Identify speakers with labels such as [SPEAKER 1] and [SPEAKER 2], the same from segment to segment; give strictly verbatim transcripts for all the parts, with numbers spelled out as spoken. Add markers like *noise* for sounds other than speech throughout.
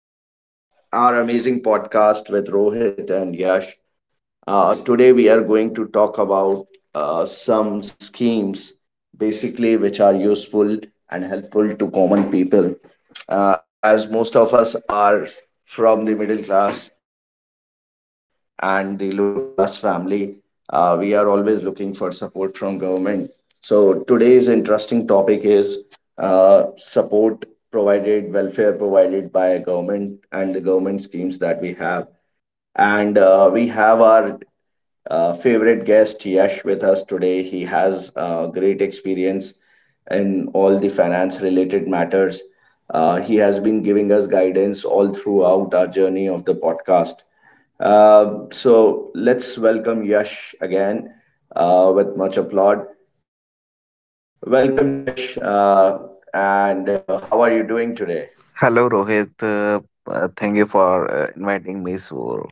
[SPEAKER 1] to our amazing podcast with Rohit and Yash. Uh, today, we are going to talk about uh, some schemes basically which are useful and helpful to common people. Uh, as most of us are from the middle class and the lower class family, uh, we are always looking for support from government. So, today's interesting topic is uh, support provided, welfare provided by government and the government schemes that we have and uh, we have our uh, favorite guest, Yash, with us today. He has uh, great experience in all the finance related matters. Uh, he has been giving us guidance all throughout our journey of the podcast. Uh, so let's welcome Yash again uh, with much applaud. Welcome, Yash, uh, and uh, how are you doing today?
[SPEAKER 2] Hello, Rohit. Uh, uh, thank you for uh, inviting me. So,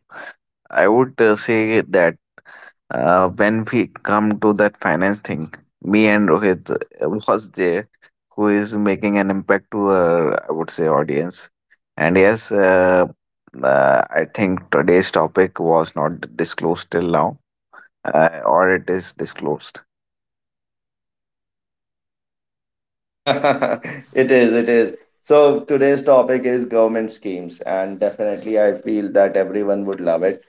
[SPEAKER 2] I would uh, say that uh, when we come to that finance thing, me and Rohit uh, was there who is making an impact to, our I would say, audience. And yes, uh, uh, I think today's topic was not disclosed till now, uh, or it is disclosed.
[SPEAKER 1] *laughs* It is, it is. So today's topic is government schemes, and definitely I feel that everyone would love it.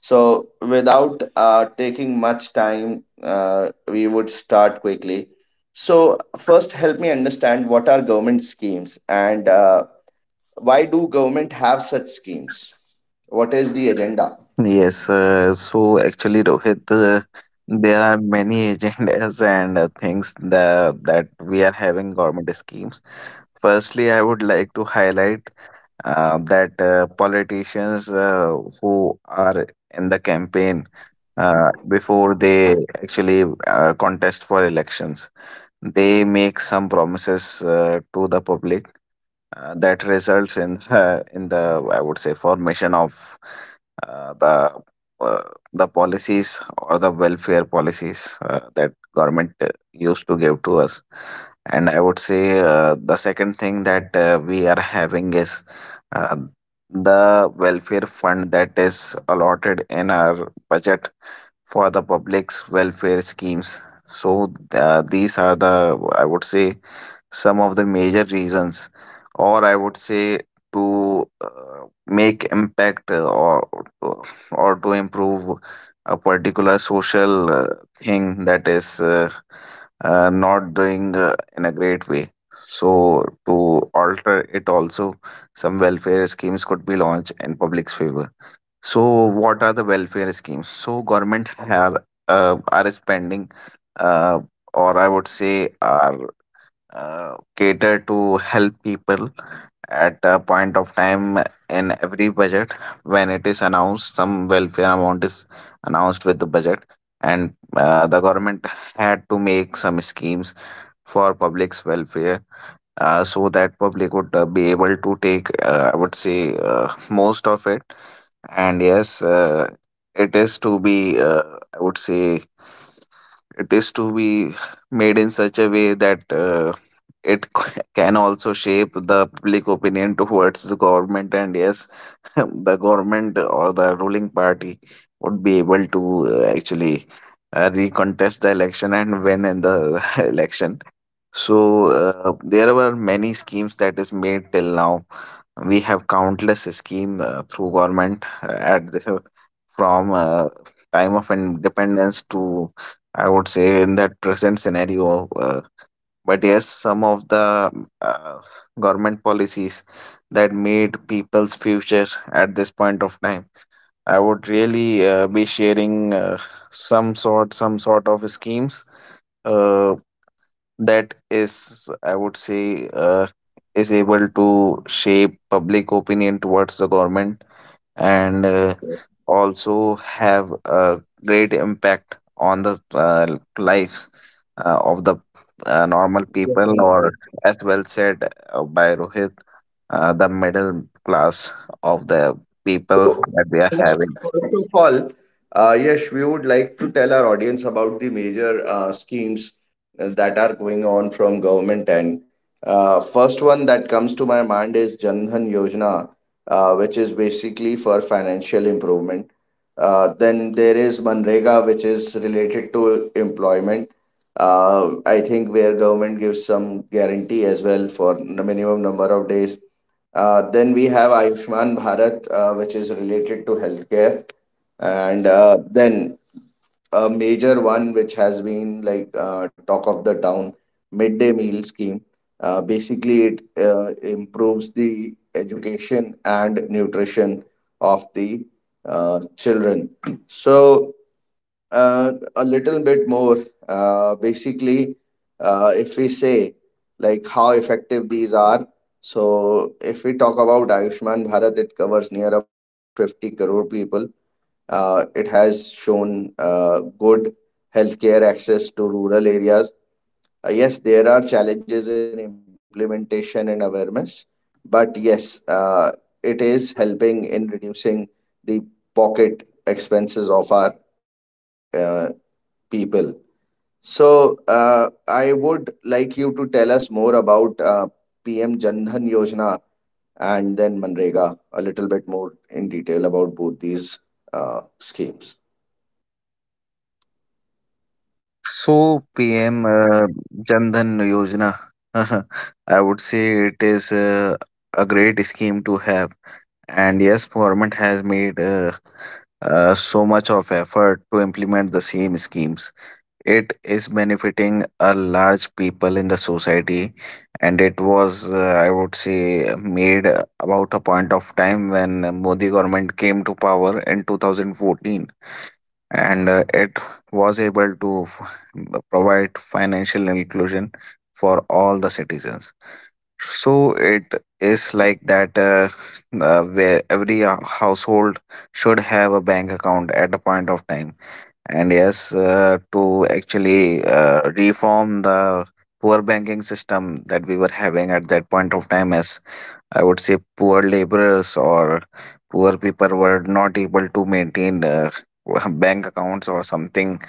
[SPEAKER 1] So without uh, taking much time, uh, we would start quickly. So first, help me understand what are government schemes and uh, why do government have such schemes? What is the agenda?
[SPEAKER 2] Yes, uh, so actually, Rohit, uh, there are many *laughs* agendas and uh, things that, that we are having government schemes. Firstly, I would like to highlight uh, that uh, politicians uh, who are in the campaign uh, before they actually uh, contest for elections, they make some promises uh, to the public uh, that results in uh, in the I would say formation of uh, the uh, the policies or the welfare policies uh, that government uh, used to give to us, and I would say uh, the second thing that uh, we are having is uh, the welfare fund that is allotted in our budget for the public's welfare schemes. So uh, these are the, I would say, some of the major reasons, or I would say, to uh, make impact, uh, or uh, or to improve a particular social uh, thing that is uh, uh, not doing uh, in a great way. So to alter it also, some welfare schemes could be launched in public's favor. So what are the welfare schemes? So government have uh, are spending, uh, or I would say are uh, cater to help people at a point of time. In every budget when it is announced, some welfare amount is announced with the budget, and uh, the government had to make some schemes for public's welfare, uh, so that public would uh, be able to take, uh, I would say, uh, most of it. And yes, uh, it is to be, uh, I would say it is to be made in such a way that uh, it c- can also shape the public opinion towards the government. And yes, *laughs* the government or the ruling party would be able to uh, actually uh, recontest the election and win in the *laughs* election. So uh, there were many schemes that is made till now. We have countless scheme uh, through government uh, at the, from uh, time of independence to, I would say, in that present scenario. Uh, but yes, some of the uh, government policies that made people's future at this point of time, I would really uh, be sharing uh, some sort some sort of schemes uh, that is, I would say, uh, is able to shape public opinion towards the government, and uh, also have a great impact on the uh, lives uh, of the uh, normal people, or
[SPEAKER 1] Definitely.
[SPEAKER 2] as well said uh, by Rohit, uh, the middle class of the people
[SPEAKER 1] So,
[SPEAKER 2] that we are
[SPEAKER 1] First
[SPEAKER 2] having.
[SPEAKER 1] first of all, uh, Yash, we would like to tell our audience about the major uh, schemes that are going on from government end. Uh, first one that comes to my mind is Jan Dhan Yojana, uh, which is basically for financial improvement. Uh, then there is Manrega, which is related to employment. Uh, I think where government gives some guarantee as well for the minimum number of days uh, then we have Ayushman Bharat, uh, which is related to healthcare, and uh, then a major one which has been like uh, talk of the town midday meal scheme. Uh, basically, it uh, improves the education and nutrition of the uh, children. So uh, a little bit more. Uh, basically, uh, if we say like how effective these are, so if we talk about Ayushman Bharat, it covers near about fifty crore people. Uh, it has shown uh, good healthcare access to rural areas. Uh, yes, there are challenges in implementation and awareness, but yes, uh, it is helping in reducing the pocket expenses of our uh, people. So, uh, I would like you to tell us more about uh, P M Jan Dhan Yojana and then Manrega, a little bit more in detail about both these uh, schemes.
[SPEAKER 2] So, P M uh, Jan Dhan Yojana, *laughs* I would say it is uh, a great scheme to have. And yes, government has made uh, uh, so much of effort to implement the same schemes. It is benefiting a large people in the society, and it was, uh, I would say, made about a point of time when Modi government came to power in two thousand fourteen, and uh, it was able to f- provide financial inclusion for all the citizens. So it is like that, uh, uh, where every uh, household should have a bank account at a point of time. And yes, uh, to actually uh, reform the poor banking system that we were having at that point of time, as I would say, poor laborers or poor people were not able to maintain uh, *laughs* bank accounts or something.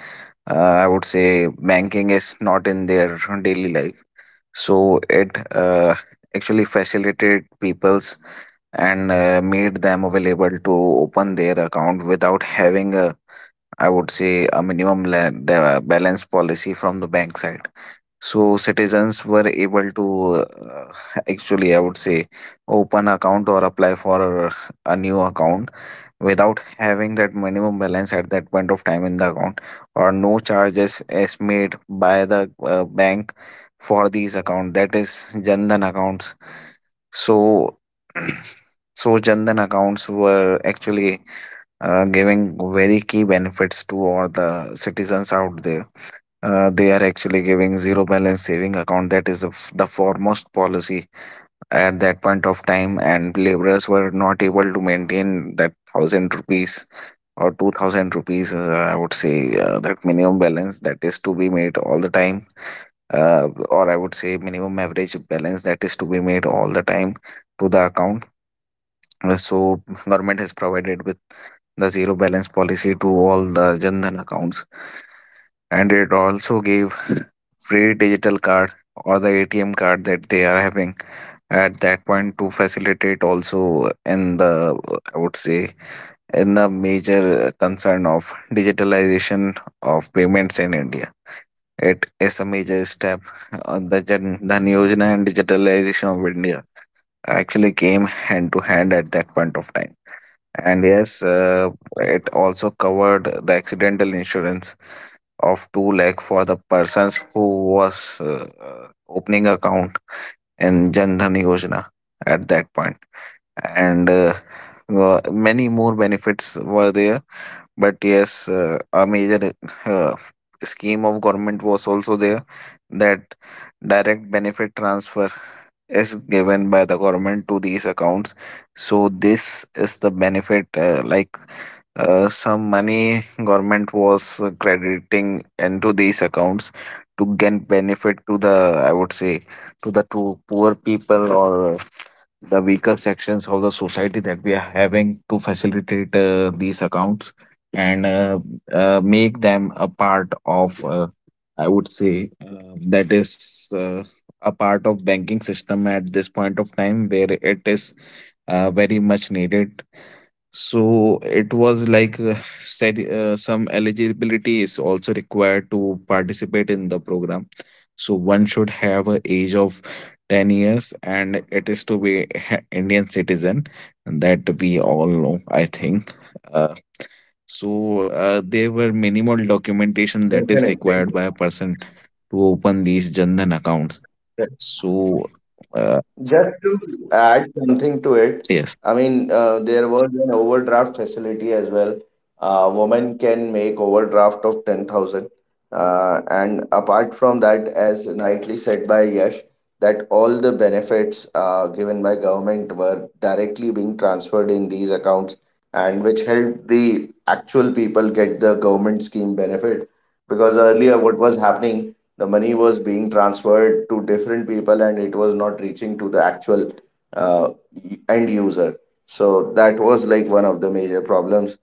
[SPEAKER 2] Uh, I would say banking is not in their daily life. So it uh, actually facilitated people's, and uh, made them available to open their account without having a, I would say, a minimum la- the balance policy from the bank side. So citizens were able to uh, actually, I would say, open account or apply for a new account without having that minimum balance at that point of time in the account, or no charges is made by the uh, bank for these account, that is jandan accounts. So *clears throat* so jandan accounts were actually uh, giving very key benefits to all the citizens out there. Uh, they are actually giving zero balance saving account, that is the f- the foremost policy at that point of time, and laborers were not able to maintain that one thousand rupees or two thousand rupees. uh, I would say, uh, that minimum balance that is to be made all the time, uh, or I would say minimum average balance that is to be made all the time to the account. uh, So government has provided with the zero balance policy to all the Jan Dhan accounts, and it also gave free digital card or the A T M card that they are having at that point to facilitate also in the, I would say, in the major concern of digitalization of payments in India. It is a major step. Uh, The Jan Dhan Yojana and digitalization of India actually came hand to hand at that point of time. And yes, uh, it also covered the accidental insurance of two lakh for the persons who was uh, uh, opening account in Jan Dhan Yojana at that point. And uh, wa- many more benefits were there. But yes, uh, a major uh, scheme of government was also there, that direct benefit transfer is given by the government to these accounts. So this is the benefit, uh, like uh, some money government was uh, crediting into these accounts to get benefit to the, I would say, to the to poor people or the weaker sections of the society that we are having, to facilitate uh, these accounts and uh, uh, make them a part of, uh, I would say, uh, that is uh, a part of banking system at this point of time where it is uh, very much needed. So it was like uh, said uh, some eligibility is also required to participate in the program. So one should have a age of ten years, and it is to be ha- Indian citizen, and that we all know, I think. Uh, so uh, there were minimal documentation that
[SPEAKER 1] Definitely.
[SPEAKER 2] is required by a person to open these Jandhan accounts. So uh,
[SPEAKER 1] Just to add something to it,
[SPEAKER 2] yes,
[SPEAKER 1] I mean, uh, there was an overdraft facility as well. A woman can make overdraft of ten thousand. Uh, and apart from that, as rightly said by Yash, that all the benefits uh, given by government were directly being transferred in these accounts and which helped the actual people get the government scheme benefit. Because earlier, what was happening the money was being transferred to different people and it was not reaching to the actual uh, end user, so that was like one of the major problems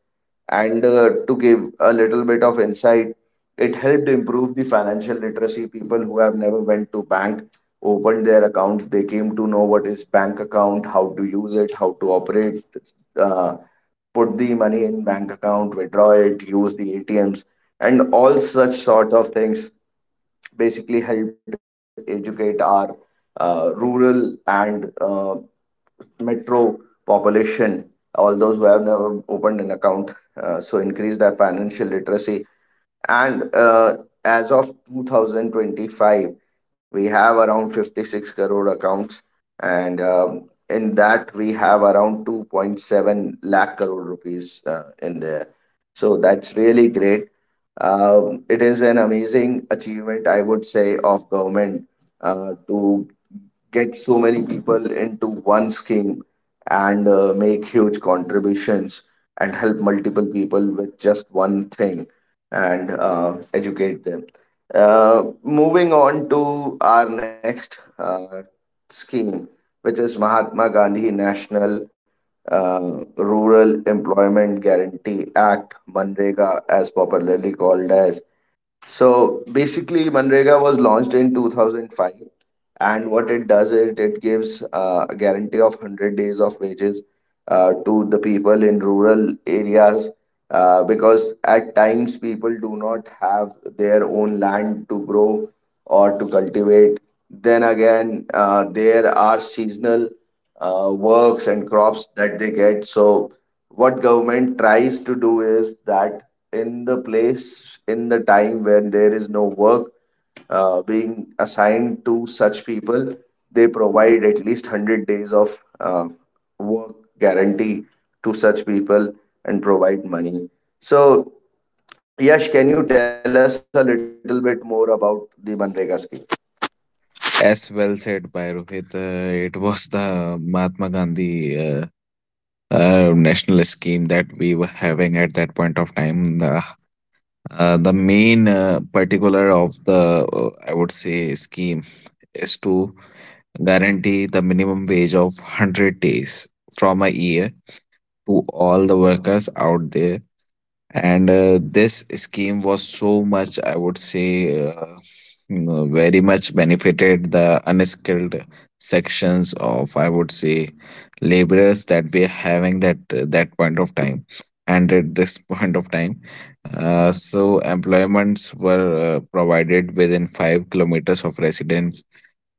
[SPEAKER 1] and uh, to give a little bit of insight, it helped improve the financial literacy. People who have never went to bank opened their accounts. They came to know what is bank account, how to use it, how to operate, uh, put the money in bank account, withdraw it, use the ATMs and all such sort of things, basically helped educate our uh, rural and uh, metro population, all those who have never opened an account. Uh, so increase their financial literacy and uh, as of two thousand twenty-five, we have around fifty-six crore accounts, and um, in that we have around two point seven lakh crore rupees uh, in there. So that's really great. Um, it is an amazing achievement, I would say, of government uh, to get so many people into one scheme and uh, make huge contributions and help multiple people with just one thing and uh, educate them. Uh, moving on to our next uh, scheme, which is Mahatma Gandhi National uh, Rural Employment Guarantee Act, MNREGA, as popularly called as. So basically, Manrega was launched in two thousand five, and what it does is it gives uh, a guarantee of one hundred days of wages uh, to the people in rural areas uh, because at times people do not have their own land to grow or to cultivate. Then again, uh, there are seasonal uh, works and crops that they get. So what government tries to do is that in the place, in the time when there is no work uh, being assigned to such people, they provide at least one hundred days of uh, work guarantee to such people and provide money. So Yash, can you tell us a little bit more about the Manrega scheme?
[SPEAKER 2] as well said by Rohit, uh, it was the Mahatma Gandhi uh, uh, nationalist scheme that we were having at that point of time. The, uh, the main uh, particular of the, uh, I would say, scheme is to guarantee the minimum wage of hundred days from a year to all the workers out there. And uh, this scheme was so much, I would say uh, uh, very much benefited the unskilled sections of, I would say, laborers that we are having that that point of time and at this *laughs* point of time. Uh, so employments were uh, provided within five kilometers of residence.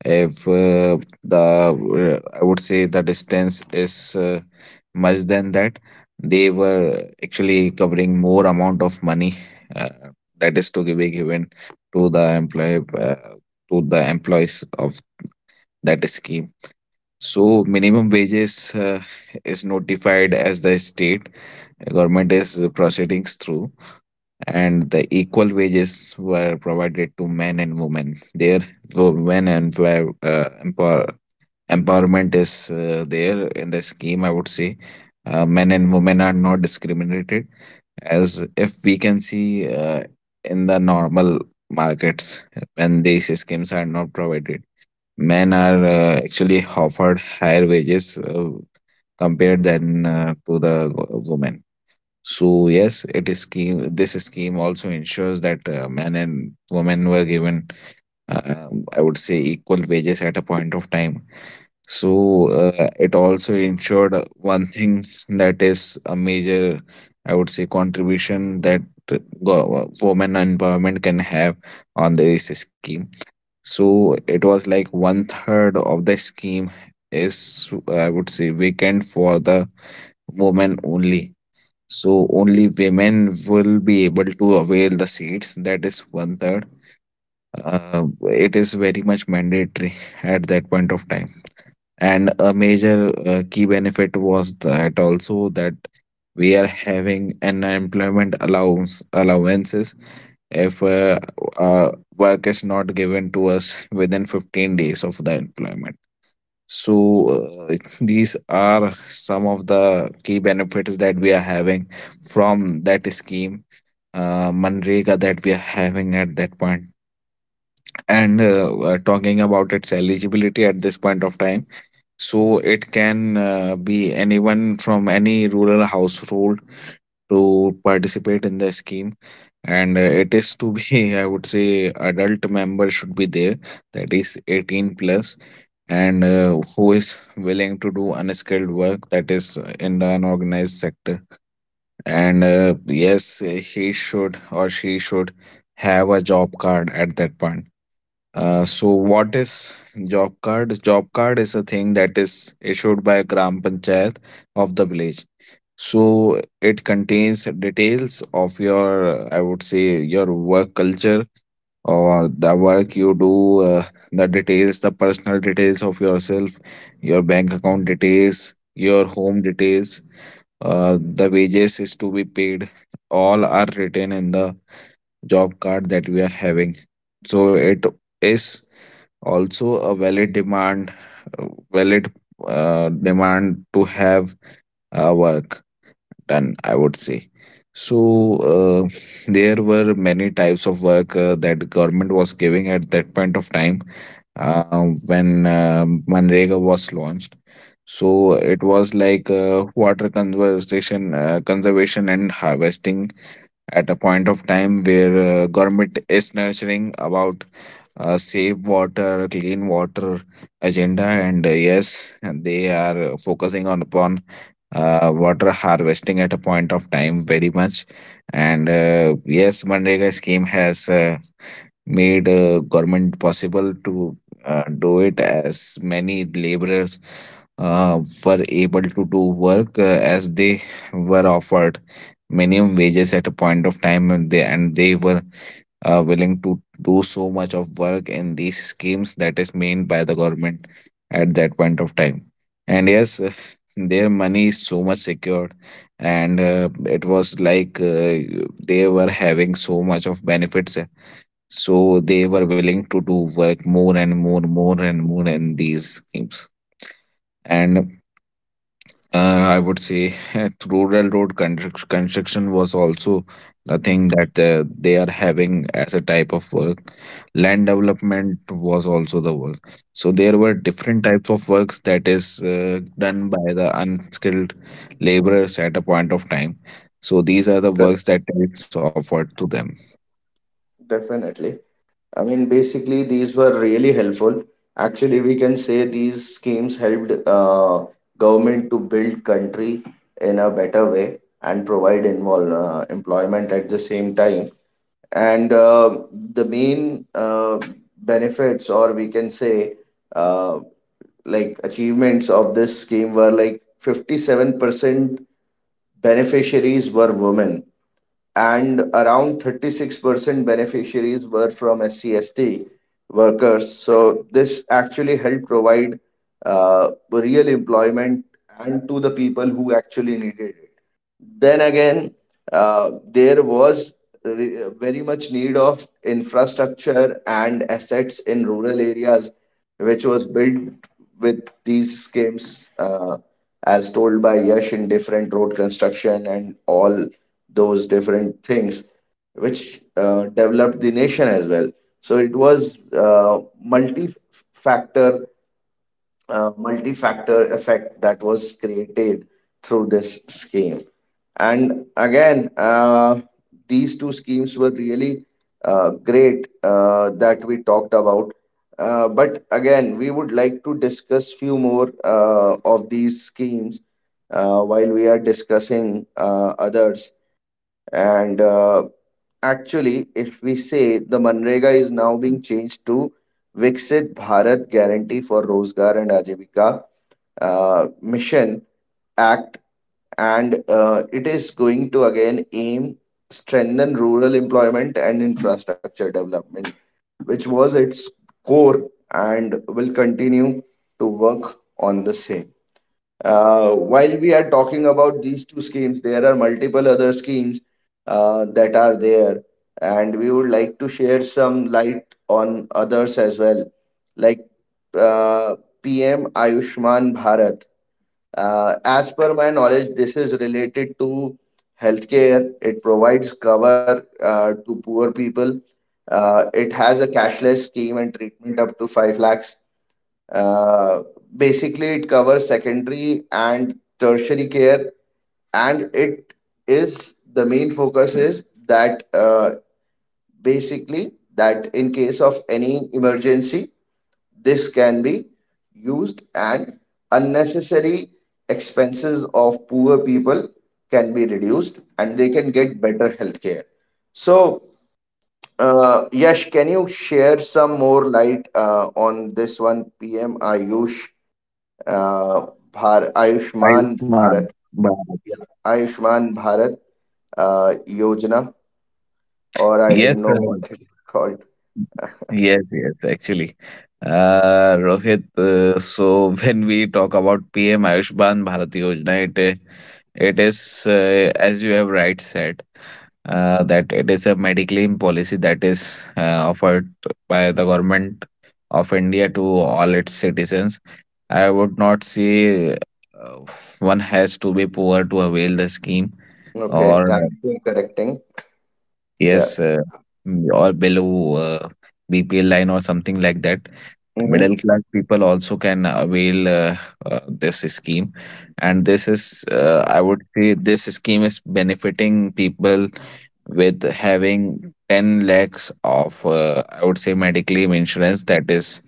[SPEAKER 2] If uh, the uh, I would say the distance is uh, much than that, they were actually covering more amount of money uh, that is to be given to the employee, uh, to the employees of that scheme. So minimum wages uh, is notified as the state government is proceedings through, and the equal wages were provided to men and women there. Women and were uh, empower, Empowerment is uh, there in the scheme, I would say. Uh, men and women are not discriminated, as if we can see uh, in the normal markets, when these schemes are not provided, men are uh, actually offered higher wages uh, compared than uh, to the wo- women. So yes, it is scheme this scheme also ensures that uh, men and women were given uh, I would say equal wages at a point of time. So uh, it also ensured one thing, that is a major, I would say, contribution that go- women empowerment can have on this scheme. So it was like one third of the scheme is, I would say, vacant for the women only. So only women will be able to avail the seats. That is one third. Uh, it is very much mandatory at that point of time. And a major uh, key benefit was that also, that we are having an employment allowance allowances if uh, uh, work is not given to us within fifteen days of the employment. So uh, these are some of the key benefits that we are having from that scheme, uh, Manrega, that we are having at that point. And uh, uh, talking about its eligibility at this point of time, so it can uh, be anyone from any rural household to participate in the scheme. And uh, It is to be, *laughs* I would say, adult member should be there, that is eighteen plus, and uh, who is willing to do unskilled work, that is uh, in the unorganized sector. And uh, Yes, he should or she should have a job card at that point. Uh, so what is job card job card is a thing that is issued by gram panchayat of the village, so it contains details of your, I would say, your work culture or the work you do, uh, the details, the personal details of yourself, your bank account details, your home details, uh, the wages is to be paid, all are written in the job card that we are having. So it is also a valid demand, uh, valid, uh, demand to have uh, work done, I would say. So uh, there were many types of work uh, that government was giving at that point of time, uh, when uh, Manrega was launched. So it was like uh, water conservation uh, conservation and harvesting at a point of time where uh, government is nurturing about uh, safe water, clean water agenda, and uh, yes, and they are uh, focusing on upon uh, water harvesting at a point of time very much, and uh, yes, Manrega scheme has. Uh, made uh, government possible to uh, do it, as many laborers uh, were able to do work uh, as they were offered minimum wages at a point of time, and they and they were uh, willing to do so much of work in these schemes that is made by the government at that point of time. And yes uh, their money is so much secured, and uh, it was like, uh, they were having so much of benefits, so they were willing to do work more and more, more and more in these schemes. And uh, I would say *laughs* through railroad construct- construction was also the thing that uh, they are having as a type of work. Land development was also the work. So there were different types of works that is uh, done by the unskilled laborers at a point of time. So these are the
[SPEAKER 1] Correct.
[SPEAKER 2] works that it's offered to them.
[SPEAKER 1] Definitely. I mean, basically, these were really helpful. Actually, we can say these schemes helped uh, government to build country in a better way and provide involve, uh, employment at the same time. And uh, the main uh, benefits, or we can say, uh, like achievements of this scheme were like fifty-seven percent beneficiaries were women and around thirty-six percent beneficiaries were from S C S T workers. So this actually helped provide uh, real employment and to the people who actually needed it. Then again, uh, there was re- very much need of infrastructure and assets in rural areas, which was built with these schemes, uh, as told by Yash, in different road construction and all those different things, which uh, developed the nation as well. So it was uh, multi factor uh, multi-factor effect that was created through this scheme. And again, uh, these two schemes were really uh, great uh, that we talked about. Uh, but again, we would like to discuss few more uh, of these schemes uh, while we are discussing uh, others. And uh, Actually, if we say the Manrega is now being changed to Viksit Bharat Guarantee for Rozgar and Ajivika, uh, mission act, and uh, it is going to again aim strengthen rural employment and infrastructure development, which was its core and will continue to work on the same. Uh, while we are talking about these two schemes, there are multiple other schemes uh, that are there, and we would like to share some light on others as well, like uh, PM Ayushman Bharat. Uh, as per my knowledge, this is related to healthcare. It provides cover uh, to poor people. Uh, it has a cashless scheme and treatment up to five lakhs. Uh, Basically, it covers secondary and tertiary care, and it is the main focus is that uh, basically that in case of any emergency this can be used and unnecessary expenses of poor people can be reduced and they can get better health care. So, uh, Yash, can you share some more light uh, on this one? PM Ayush uh, Bhar Ayushman
[SPEAKER 2] Ayushman
[SPEAKER 1] Bharat
[SPEAKER 2] Bharat.
[SPEAKER 1] Ayushman Bharat uh, Yojana, or I
[SPEAKER 2] Yes,
[SPEAKER 1] don't know
[SPEAKER 2] sir.
[SPEAKER 1] what it's called.
[SPEAKER 2] Yes, yes, actually. Uh, Rohit, uh, so *laughs* when we talk about P M Ayushman Bharat Yojana, it, uh, it is, uh, as you have right said, uh, that it is a mediclaim policy that is uh, offered by the government of India to all its citizens. I would not say uh, one has to be poor to avail the scheme, or
[SPEAKER 1] Okay,
[SPEAKER 2] uh,
[SPEAKER 1] thanks for correcting. Yeah.
[SPEAKER 2] yes, uh, or below uh, B P L line or something like that.
[SPEAKER 1] Mm-hmm.
[SPEAKER 2] Middle class people also can avail uh, uh, this scheme, and this is, uh, I would say, this scheme is benefiting people with having ten lakhs of, uh, I would say, mediclaim insurance that is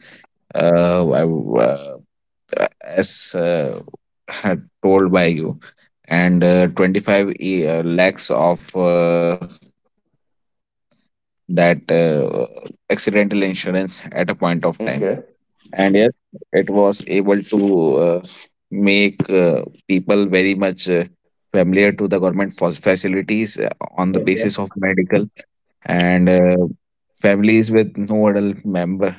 [SPEAKER 2] uh, I w- uh, as uh, had told by you, and uh, twenty-five e- uh, lakhs of uh, that uh, accidental insurance at a point of time. And
[SPEAKER 1] Okay.
[SPEAKER 2] yes, it was able to uh, make uh, people very much uh, familiar to the government fa- facilities uh, on the basis
[SPEAKER 1] Okay.
[SPEAKER 2] of medical. And uh, families with no adult member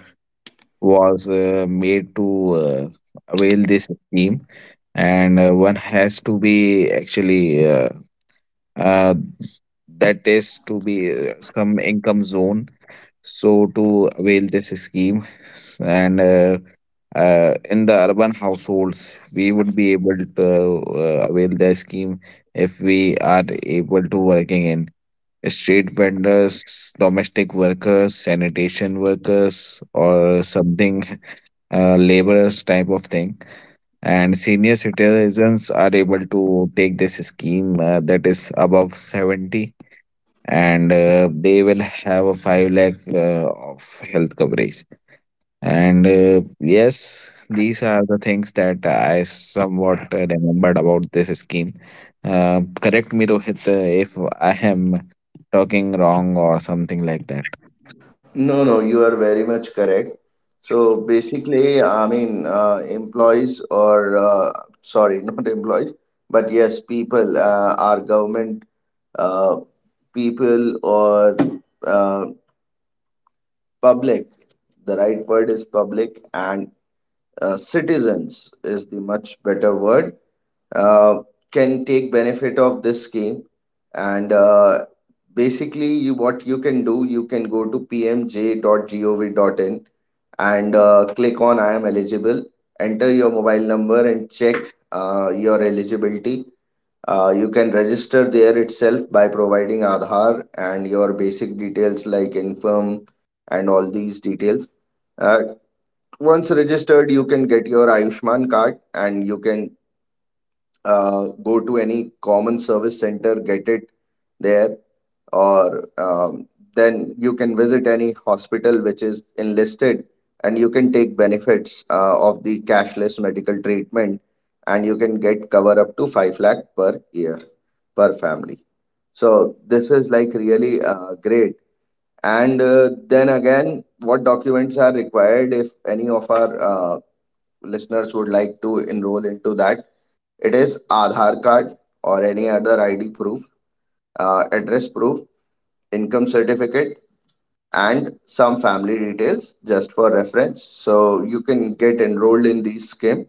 [SPEAKER 2] was uh, made to uh, avail this scheme, and uh, one has to be actually, uh, uh, that is to be uh, some income zone, so to avail this scheme. And uh, uh, in the urban households we would be able to uh, avail the scheme if we are able to working in street vendors, domestic workers, sanitation workers, or something, uh, laborers type of thing. And senior citizens are able to take this scheme, uh, that is above seventy, and uh, they will have a five lakh uh, of health coverage. And uh, yes, these are the things that I somewhat uh, remembered about this scheme. Uh, correct me, Rohit, uh, if I am talking wrong or something like that.
[SPEAKER 1] No, no, you are very much correct. So basically, I mean, uh, employees or uh, sorry, *laughs* not employees, but yes, people, uh, our government, uh, people or uh, public. The right word is public, and uh, citizens is the much better word uh, can take benefit of this scheme and uh, basically you, what you can do you can go to p m j dot dot gov dot dot in, and uh, click on I am eligible, enter your mobile number and check uh, your eligibility. Uh, you can register there itself by providing Aadhaar and your basic details like infirm and all these details. uh, Once registered, you can get your Ayushman card and you can uh, go to any common service center, get it there, or um, then you can visit any hospital which is enlisted and you can take benefits uh, of the cashless medical treatment and you can get cover up to five lakh per year per family. So this is like really uh, great. And uh, then again, what documents are required if any of our uh, listeners would like to enroll into that? It is Aadhaar card or any other I D proof, uh, address proof, income certificate, and some family details just for reference. So you can get enrolled in this scheme,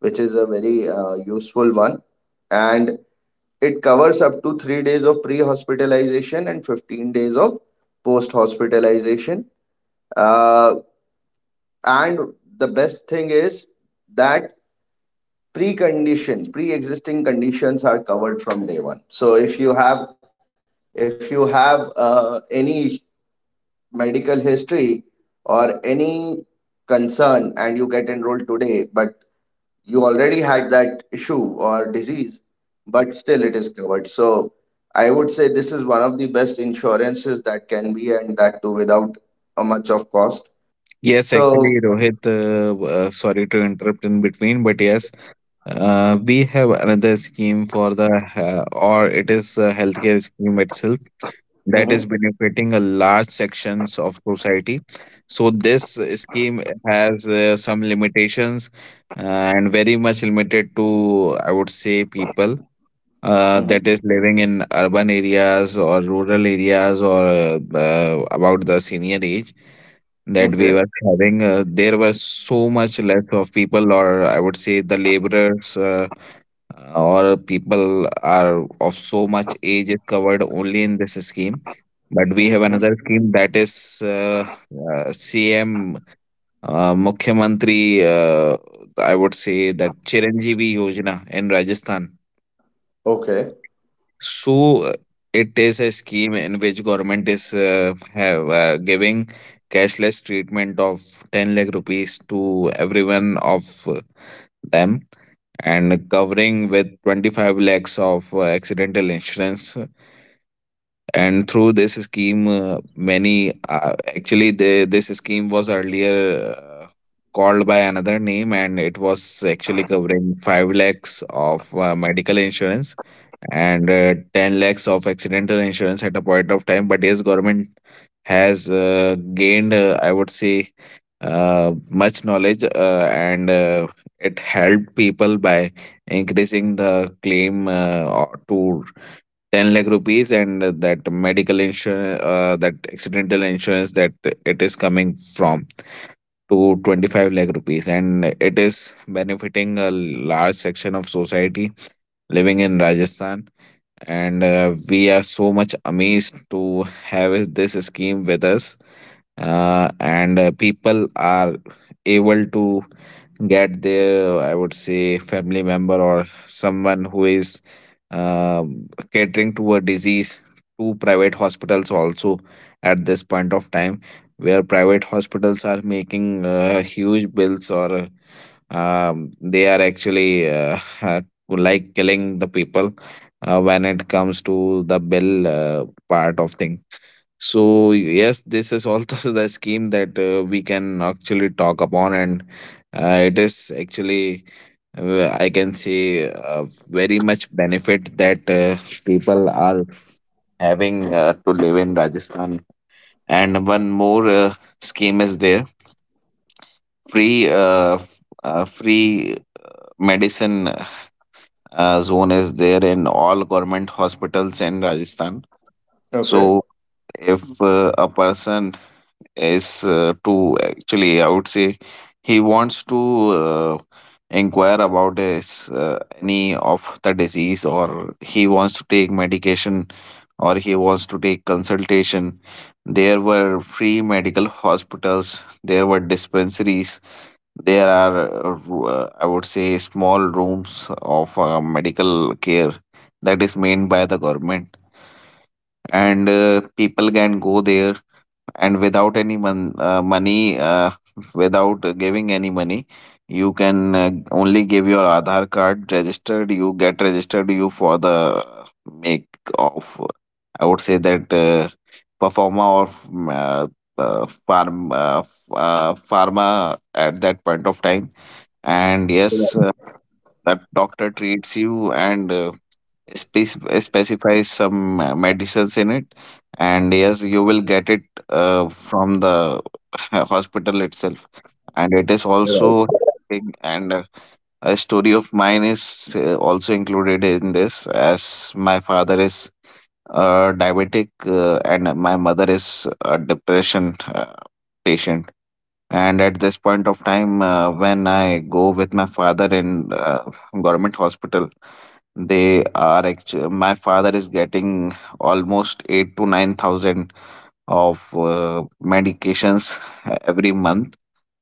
[SPEAKER 1] which is a very uh, useful one. And it covers up to three days of pre hospitalization and fifteen days of post hospitalization. Uh, and the best thing is that pre-conditions pre-existing conditions are covered from day one. So if you have, if you have uh, any medical history or any concern, and you get enrolled today, but you already had that issue or disease, but still it is covered. So I would say this is one of the best insurances that can be, and that too without a much of cost.
[SPEAKER 2] yes actually
[SPEAKER 1] So
[SPEAKER 2] rohit uh, uh, sorry to interrupt in between, but yes, uh, we have another scheme for the uh, or it is a healthcare scheme itself that is
[SPEAKER 1] mm-hmm,
[SPEAKER 2] benefiting a large sections of society. So this scheme has uh, some limitations, uh, and very much limited to, I would say, people uh, that
[SPEAKER 1] mm-hmm,
[SPEAKER 2] is living in urban areas or rural areas, or uh, uh, about the senior age that we were
[SPEAKER 1] okay,
[SPEAKER 2] having. Uh, there was so much less of people, or I would say the laborers. Uh, or people are of so much age is covered only in this scheme, but we have
[SPEAKER 1] mm-hmm,
[SPEAKER 2] another scheme that is uh, uh, cm, uh, Mukhyamantri, uh, I would say that Chiranjeevi Yojana in Rajasthan.
[SPEAKER 1] okay,
[SPEAKER 2] So uh, it is a scheme in which government is uh, have uh, giving cashless treatment of ten lakh rupees to everyone of uh, them, and covering with twenty-five lakhs of uh, accidental insurance. And through this scheme, uh, many, uh, actually the, this scheme was earlier uh, called by another name, and it was actually covering five lakhs of uh, medical insurance, and uh, ten lakhs of accidental insurance at a point of time. But yes, government has uh, gained, uh, I would say, uh, much knowledge, uh, and uh, it helped people by increasing the claim uh, or- to ten lakh rupees, and uh, that medical insurance, uh, that accidental insurance, that it is coming from to twenty-five lakh rupees, and it is benefiting a large section of society living in Rajasthan. And uh, we are so much amazed to have this scheme with us. Uh, and uh, people are able to get their, I would say, family member or someone who is um catering to a disease to private hospitals also at this point of time, where private hospitals are making uh, huge bills, or um, they are actually uh, *laughs* like killing the people uh, when it comes to the bill uh, part of thing. So yes, this is also *laughs* the scheme that uh, we can actually talk upon, and uh, it is actually, uh, I can see uh, very much benefit that uh, people are having uh, to live in Rajasthan. And one more uh, scheme is there. Free, uh, f- uh, free medicine uh, zone is there in all government hospitals in Rajasthan.
[SPEAKER 1] okay.
[SPEAKER 2] So if uh, a person is uh, to actually, I would say, he wants to uh, inquire about his uh, any of the disease, or he wants to take medication, or he wants to take consultation, there were free medical hospitals, there were dispensaries, there are uh, ru- uh, I would say small rooms of uh, medical care that is made by the government, and uh, people can go there, and without any mon- uh, money, uh, *laughs* without giving any money. You can uh, only give your aadhaar card registered, you get registered you for the make of, I would say that, uh, performa, or mm, uh, uh, farm, uh, f- uh, pharma at that point of time. And yes,
[SPEAKER 1] Right,
[SPEAKER 2] uh, that doctor treats you, and uh, spec- specify some uh, medicines in it, and yes, you will get it uh, from the *laughs* hospital itself, and it is
[SPEAKER 1] right.
[SPEAKER 2] also helping. And uh, a story of mine is uh, also included in this, as my father is uh, diabetic, uh, and my mother is a depression uh, patient. And at this point of time, uh, when I go with my father in uh, government hospital, they are actually, my father is getting almost eight to nine thousand of uh, medications uh, every month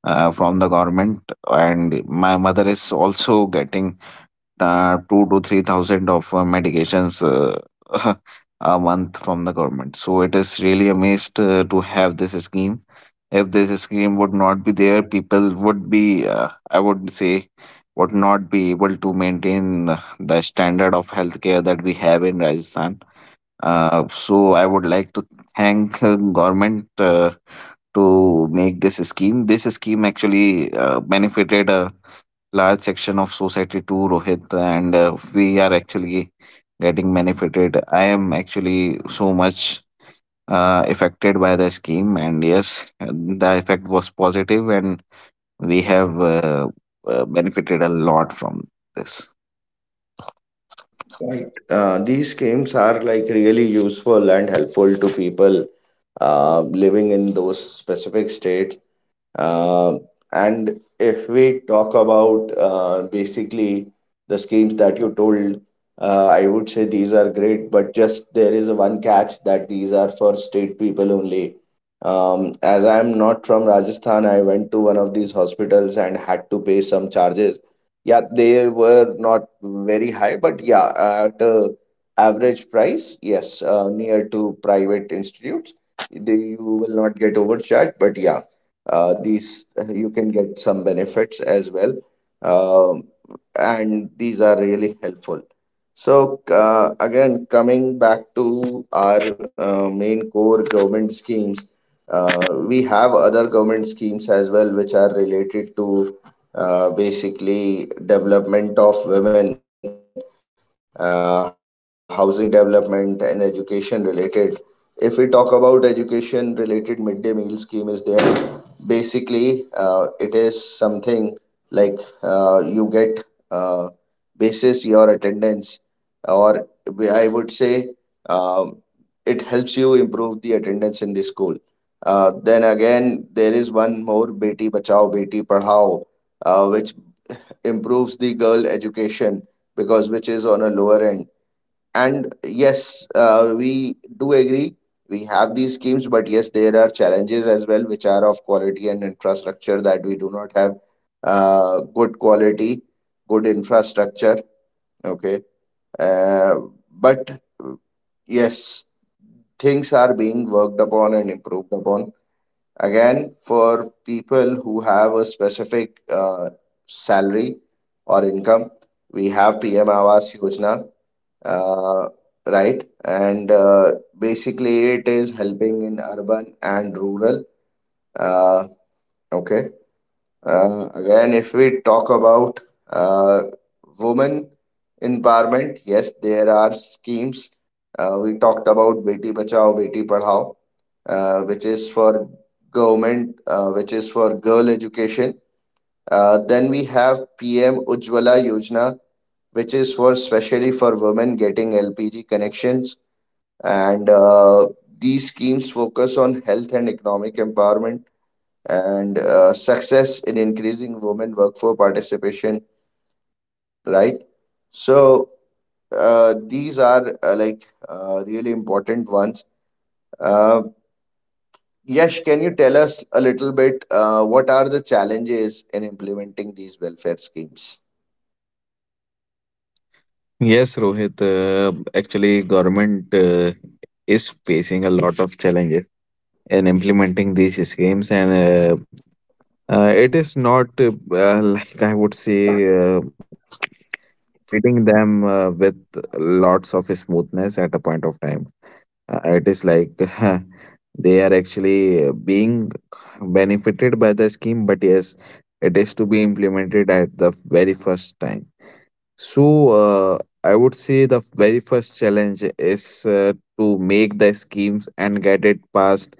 [SPEAKER 2] uh, from the government, and my mother is also getting uh, two to three thousand of uh, medications uh, *laughs* a month from the government. So it is really amazed uh, to have this scheme. If this scheme would not be there, people would be, uh, I would say, would not be able to maintain the standard of healthcare that we have in Rajasthan. Uh, so I would like to thank uh, government uh, to make this scheme. This scheme actually uh, benefited a large section of society too, Rohit, and uh, we are actually getting benefited. I am actually so much uh, affected by the scheme, and yes, the effect was positive, and we have uh, uh, benefited a lot from this.
[SPEAKER 1] Right. Uh, these schemes are like really useful and helpful to people uh, living in those specific states uh, and if we talk about uh, basically the schemes that you told, uh, I would say these are great, but just there is a one catch that these are for state people only. Um, as I'm not from Rajasthan, I went to one of these hospitals and had to pay some charges. Yeah, they were not very high, but yeah, at a average price, yes, uh, near to private institutes, they, you will not get overcharged, but yeah uh, these uh, you can get some benefits as well uh, and these are really helpful. So, uh, again, coming back to our uh, main core government schemes, uh, we have other government schemes as well, which are related to uh, basically development of women, uh, housing development, and education related. If we talk about education related midday meal scheme, is there basically uh, it is something like uh, you get. Uh, Basis your attendance, or we- i would say, um, it helps you improve the attendance in the school. Uh, then again, there is one more beti bachao beti padhao, uh, which improves the girl education, because which is on a lower end. And yes, uh, we do agree we have these schemes, but yes there are challenges as well, which are of quality and infrastructure that we do not have: uh, good quality, good infrastructure. Okay. Uh, but, uh, yes, things are being worked upon and improved upon. Again, for people who have a specific uh, salary or income, we have P M Awas Yojana, uh, right? And uh, basically, it is helping in urban and rural. Uh, okay. Uh, again, if we talk about uh, women empowerment, yes, there are schemes. Uh, we talked about Beti Bachao, Beti Padhao, uh, which is for government, uh, which is for girl education. Uh, then we have P M Ujjwala Yojana, which is for specially for women getting L P G connections. And uh, these schemes focus on health and economic empowerment, and uh, success in increasing women workforce participation, right? So, uh, these are uh, like uh, really important ones. Uh, Yash, can you tell us a little bit uh, what are the challenges in implementing these welfare schemes?
[SPEAKER 2] Yes, Rohit. Uh, actually, government uh, is facing a lot of challenges in implementing these schemes, and uh, uh, it is not, uh, uh, like I would say, uh, treating them uh, with lots of smoothness at a point of time. Uh, it is like *laughs* they are actually uh, being benefited by the scheme, but yes, it is to be implemented at the very first time. So, uh, I would say the very first challenge is uh, to make the schemes and get it passed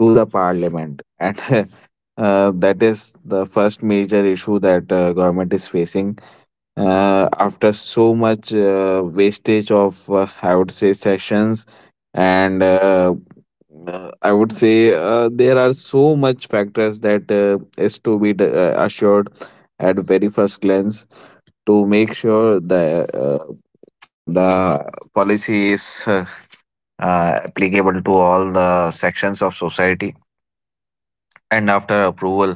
[SPEAKER 2] to the parliament, *laughs* and uh, that is the first major issue that uh, government is facing uh, after so much uh, wastage of uh, I would say sessions and uh, uh, I would say uh, there are so much factors that uh, is to be d- uh, assured at very first glance to make sure the uh, uh, the policy is uh, uh, applicable to all the sections of society, and after approval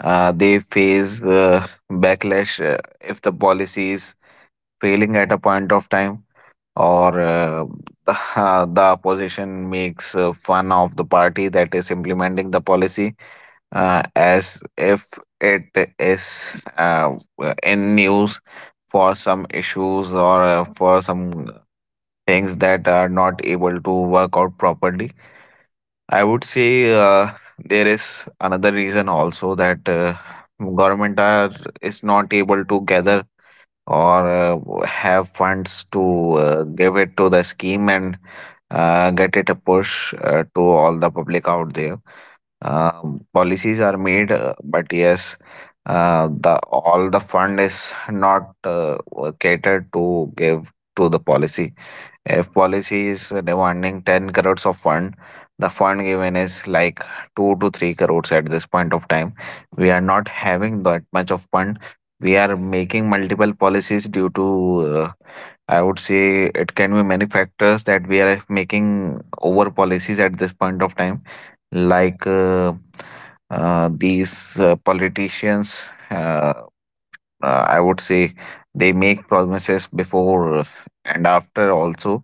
[SPEAKER 2] uh, they face uh, backlash uh, if the policy is failing at a point of time, or uh, *laughs* the opposition makes uh, fun of the party that is implementing the policy, uh, as if it is uh, in news for some issues or uh, for some things that are not able to work out properly. I would say uh, there is another reason also that uh, government are is not able to gather or uh, have funds to uh, give it to the scheme and uh, get it a push uh, to all the public out there. Um, policies are made, uh, but yes, uh, the all the fund is not uh, catered to give to the policy. If policy is demanding ten crores of fund, the fund given is like two to three crores at this point of time. We are not having that much of fund. We are making multiple policies due to, uh, I would say, it can be many factors that we are making over policies at this point of time, like uh, uh, these uh, politicians. Uh, uh, I would say they make promises before and after also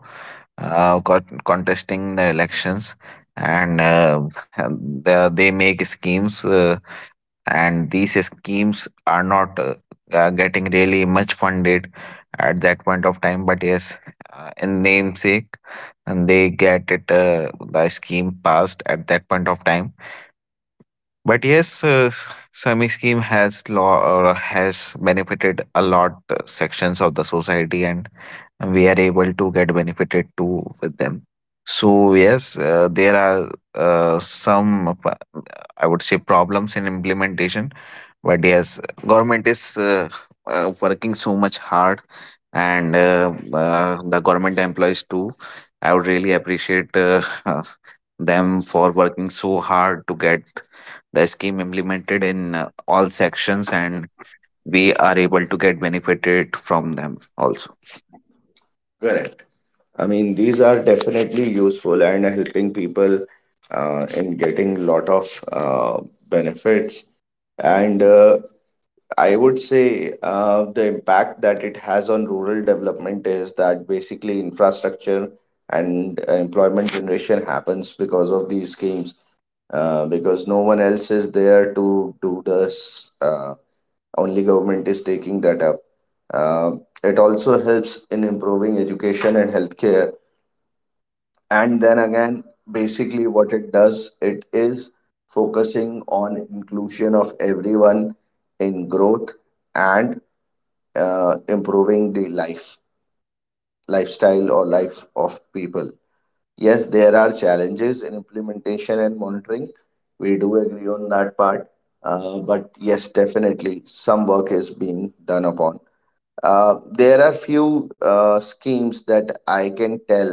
[SPEAKER 2] uh, con- contesting the elections, and uh, and the, they make schemes, uh, and these schemes are not uh, uh, getting really much funded at that point of time, but yes, uh, in namesake, and they get it uh, the scheme passed at that point of time. But yes, uh, Swami scheme has law uh, has benefited a lot uh, sections of the society, and we are able to get benefited too with them. So yes, uh, there are uh, some uh, I would say problems in implementation, but yes, government is uh, uh, working so much hard, and uh, uh, the government employees too. I would really appreciate uh, *laughs* them for working so hard to get the scheme implemented in uh, all sections, and we are able to get benefited from them also.
[SPEAKER 1] Correct. I mean, these are definitely useful and helping people uh, in getting lot of uh, benefits. And uh, I would say uh, the impact that it has on rural development is that basically infrastructure and uh, employment generation happens because of these schemes, uh, because no one else is there to do this. Uh, only government is taking that up. Uh, it also helps in improving education and healthcare. And then again, basically what it does, it is focusing on inclusion of everyone in growth and uh, improving the life lifestyle or life of people. Yes, there are challenges in implementation and monitoring. We do agree on that part. Uh, but yes, definitely some work is being done upon. Uh, there are few uh, schemes that I can tell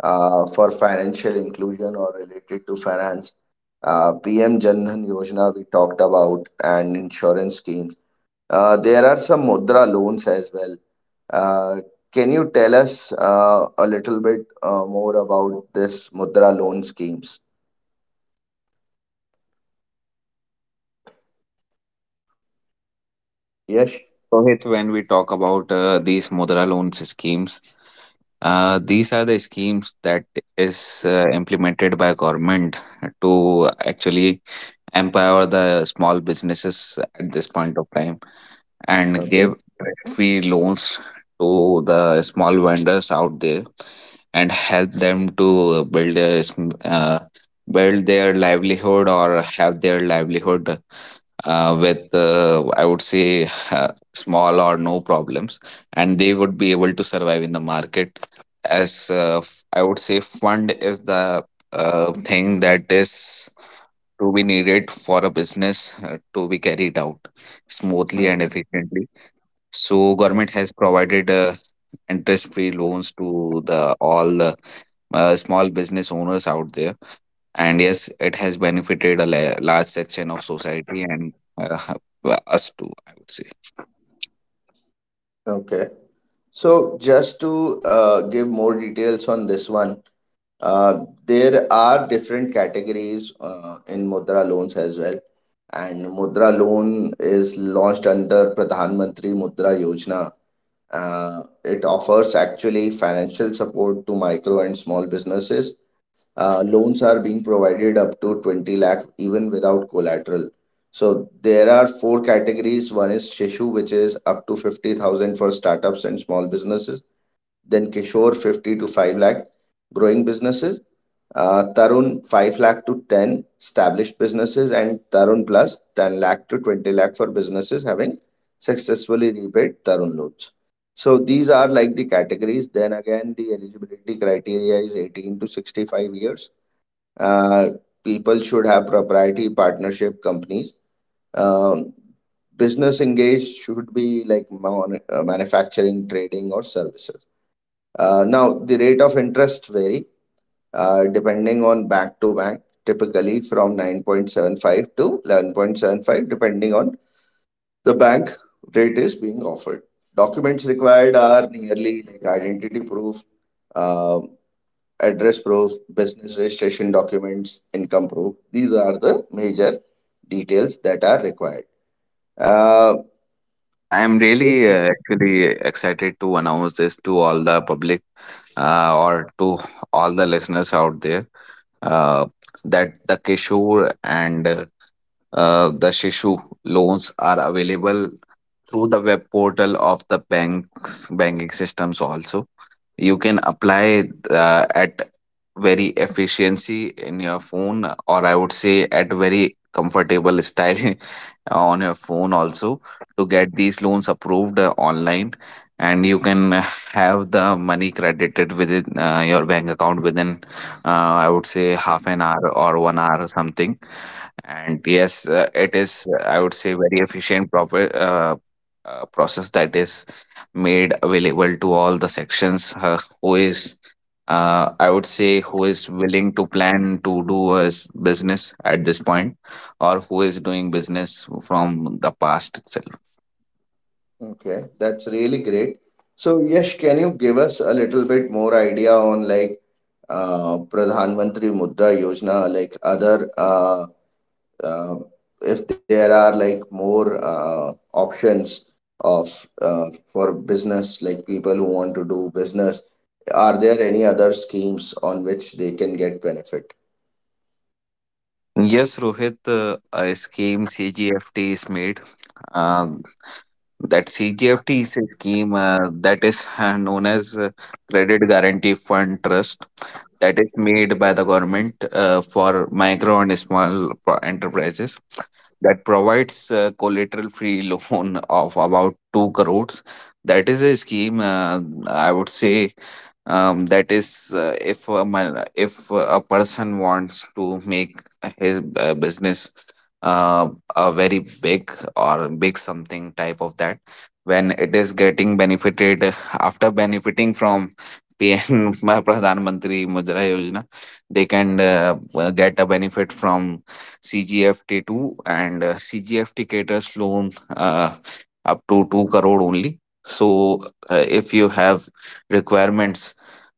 [SPEAKER 1] uh, for financial inclusion, or related to finance. uh, PM Jan Dhan Yojana we talked about, and insurance schemes. Uh, there are some mudra loans as well. uh, can you tell us uh, a little bit uh, more about this Mudra loan schemes? Yes.
[SPEAKER 2] Rohit, when we talk about uh, these Mudra loans schemes, uh, these are the schemes that is uh, implemented by government to actually empower the small businesses at this point of time and
[SPEAKER 1] Okay.
[SPEAKER 2] give credit free loans to the small vendors out there and help them to build a, sm- uh, build their livelihood, or have their livelihood uh, with uh, I would say uh, small or no problems, and they would be able to survive in the market, as uh, f- I would say fund is the uh, thing that is to be needed for a business uh, to be carried out smoothly and efficiently. So government has provided uh, interest-free loans to the all the uh, small business owners out there, and yes, it has benefited a la- large section of society and uh, *laughs* us too, I would say.
[SPEAKER 1] Okay. So, just to uh, give more details on this one, uh, there are different categories uh, in Mudra loans as well. And Mudra loan is launched under Pradhan Mantri Mudra Yojana. Uh, it offers actually financial support to micro and small businesses. Uh, loans are being provided up to twenty lakh even without collateral. So there are four categories. One is Shishu, which is up to fifty thousand for startups and small businesses. Then Kishore, fifty to five lakh, growing businesses. Uh, Tarun, five lakh to ten, established businesses. And Tarun plus ten lakh to twenty lakh for businesses having successfully repaid Tarun loans. So these are like the categories. Then again, the eligibility criteria is eighteen to sixty-five years. Uh, People should have propriety partnership companies. Um, Business engaged should be like mon- uh, manufacturing, trading, or services. Uh, now, the rate of interest vary uh, depending on bank to bank, typically from nine point seven five to eleven point seven five, depending on the bank rate is being offered. Documents required are nearly like identity proof, uh, address proof, business registration documents, income proof. These are the major details that are required. Uh,
[SPEAKER 2] I am really
[SPEAKER 1] Mhm.
[SPEAKER 2] uh, actually excited to announce this to all the public uh, or to all the listeners out there uh, that the Kishore and uh, Uh, the Shishu loans are available through the web portal of the banks banking systems also. You can apply uh, at very efficiency in your phone, or I would say at very comfortable style *laughs* on your phone also to get these loans approved uh, online, and you can uh, have the money credited within uh, your bank account within uh, I would say half an hour or one hour or something. And yes, uh, it is, uh, I would say, very efficient proper, uh, uh, process that is made available to all the sections uh, who is, uh, I would say, who is willing to plan to do as business at this point, or who is doing business from the past itself.
[SPEAKER 1] Okay, that's really great. So, Yash, can you give us a little bit more idea on like uh, Pradhan Mantri Mudra Yojana, like other uh, uh, if there are like more uh, options of uh, for business, like people who want to do business, are there any other schemes on which they can get benefit?
[SPEAKER 2] Yes, Rohit, uh, a scheme C G F T is made. Uh, That C G F T is a scheme uh, that is *laughs* uh, known as uh, Credit Guarantee Fund Trust that is made by the government uh, for micro and small pro- enterprises, that provides a collateral free loan of about two crores. That is a scheme, uh, I would say, um, that is uh, if a man, if a person wants to make his uh, business uh, a very big or big something type of that, when it is getting benefited after benefiting from pn *laughs* Pradhan Mantri Mudra Yojana, they can uh, uh, get a benefit from C G F T two, and uh, C G F T caters loan uh, up to two crore only. So, uh, if you have requirements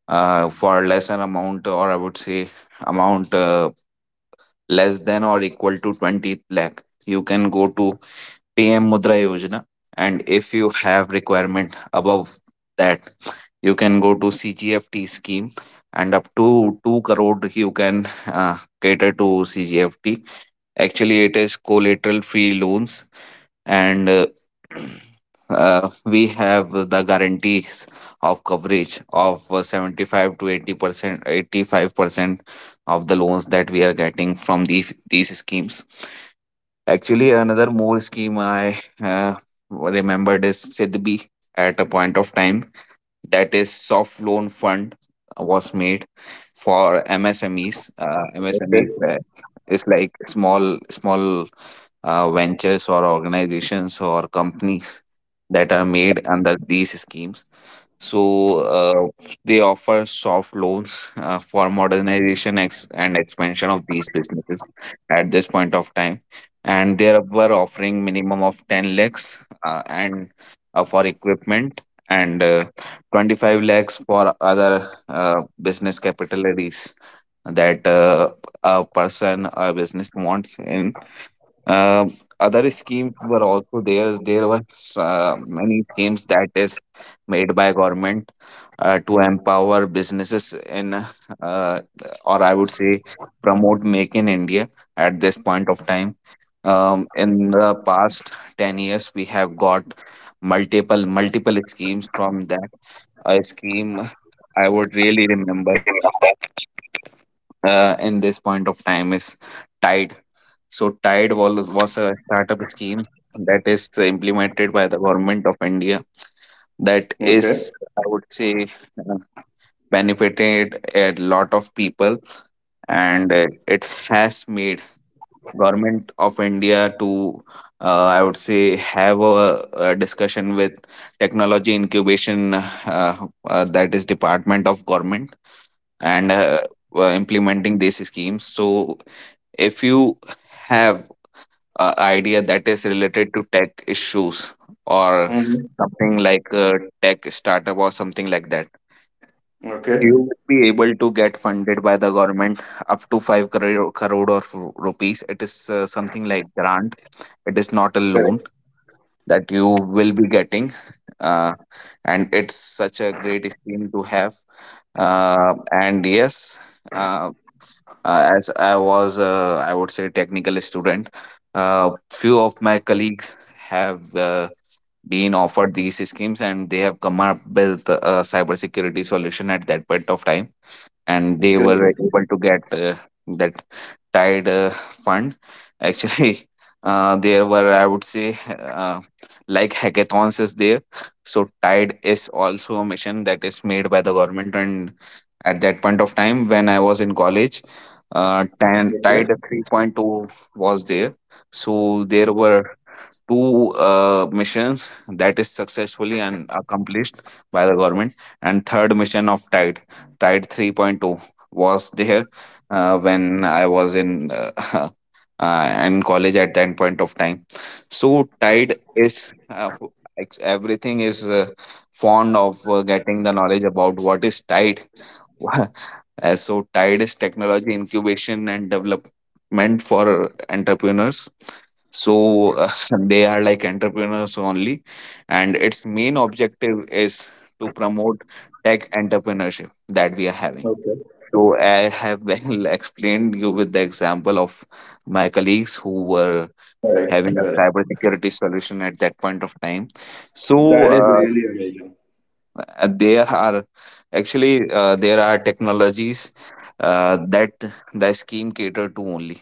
[SPEAKER 2] uh, for lesser amount, or I would say amount uh, less than or equal to twenty lakh, you can go to P M Mudra Yojana. And if you have requirement above that, you can go to C G F T scheme, and up to two crore you can uh, cater to C G F T. Actually, it is collateral free loans, and uh, *clears throat* uh, we have the guarantees of coverage of uh, seventy-five to eighty percent, eighty-five percent of the loans that we are getting from the, these schemes. Actually, another more scheme I uh, remembered is SIDBI at a point of time. That is soft loan fund was made for M S M Es. Uh, M S M Es uh, is like small small uh, ventures or organizations or companies that are made under these schemes. So uh, they offer soft loans uh, for modernization ex- and expansion of these businesses at this point of time, and they were offering minimum of ten lakhs uh, and uh, for equipment and uh, twenty-five lakhs for other uh, business capitalities that uh, a person a business wants in. um Other schemes were also there. There were uh, many schemes that is made by government uh, to empower businesses in, uh, or I would say, promote Make in India at this point of time. Um, in the past ten years, we have got multiple multiple schemes from that. A scheme I would really remember uh, in this point of time is Tide. So Tide was, was a startup scheme that is implemented by the government of India, that
[SPEAKER 1] Okay.
[SPEAKER 2] is, I would say, uh, benefited a lot of people. And uh, it has made government of India to, uh, I would say, have a, a discussion with technology incubation uh, uh, that is department of government, and uh, uh, implementing these schemes. So if you have a idea that is related to tech issues, or
[SPEAKER 1] Mm-hmm.
[SPEAKER 2] something like a tech startup or something like that,
[SPEAKER 1] Okay.
[SPEAKER 2] you will be able to get funded by the government up to five crore, crore or ru- rupees. It is uh, something like grant, it is not a loan
[SPEAKER 1] Correct.
[SPEAKER 2] that you will be getting. uh, and it's such a great scheme to have, uh, and yes uh, uh, as I was, uh, I would say, technical student. Uh, few of my colleagues have uh, been offered these schemes, and they have come up with a cybersecurity solution at that point of time, and they were
[SPEAKER 1] Great.
[SPEAKER 2] able to get uh, that tide uh, fund, *laughs* actually. Uh, there were, I would say, uh, like hackathons is there. So tide is also a mission that is made by the government, and at that point of time when I was in college, uh, Tan- tide 3.0 was there. So there were two uh, missions that is successfully and accomplished by the government, and third mission of tide, tide three point two, was there uh, when I was in uh, *laughs* uh, in college at that point of time. So tide is uh, ex- everything is uh, fond of uh, getting the knowledge about what is tide. *laughs* as So tide is technology incubation and development for entrepreneurs. So uh, *laughs* they are like entrepreneurs only, and its main objective is to promote tech entrepreneurship that we are having.
[SPEAKER 1] Okay.
[SPEAKER 2] So I have well *laughs* explained you with the example of my colleagues who were having
[SPEAKER 1] Correct.
[SPEAKER 2] a
[SPEAKER 1] Correct.
[SPEAKER 2] cybersecurity solution at that point of time. So uh, uh, there are actually uh, there are technologies uh, that the scheme cater to only.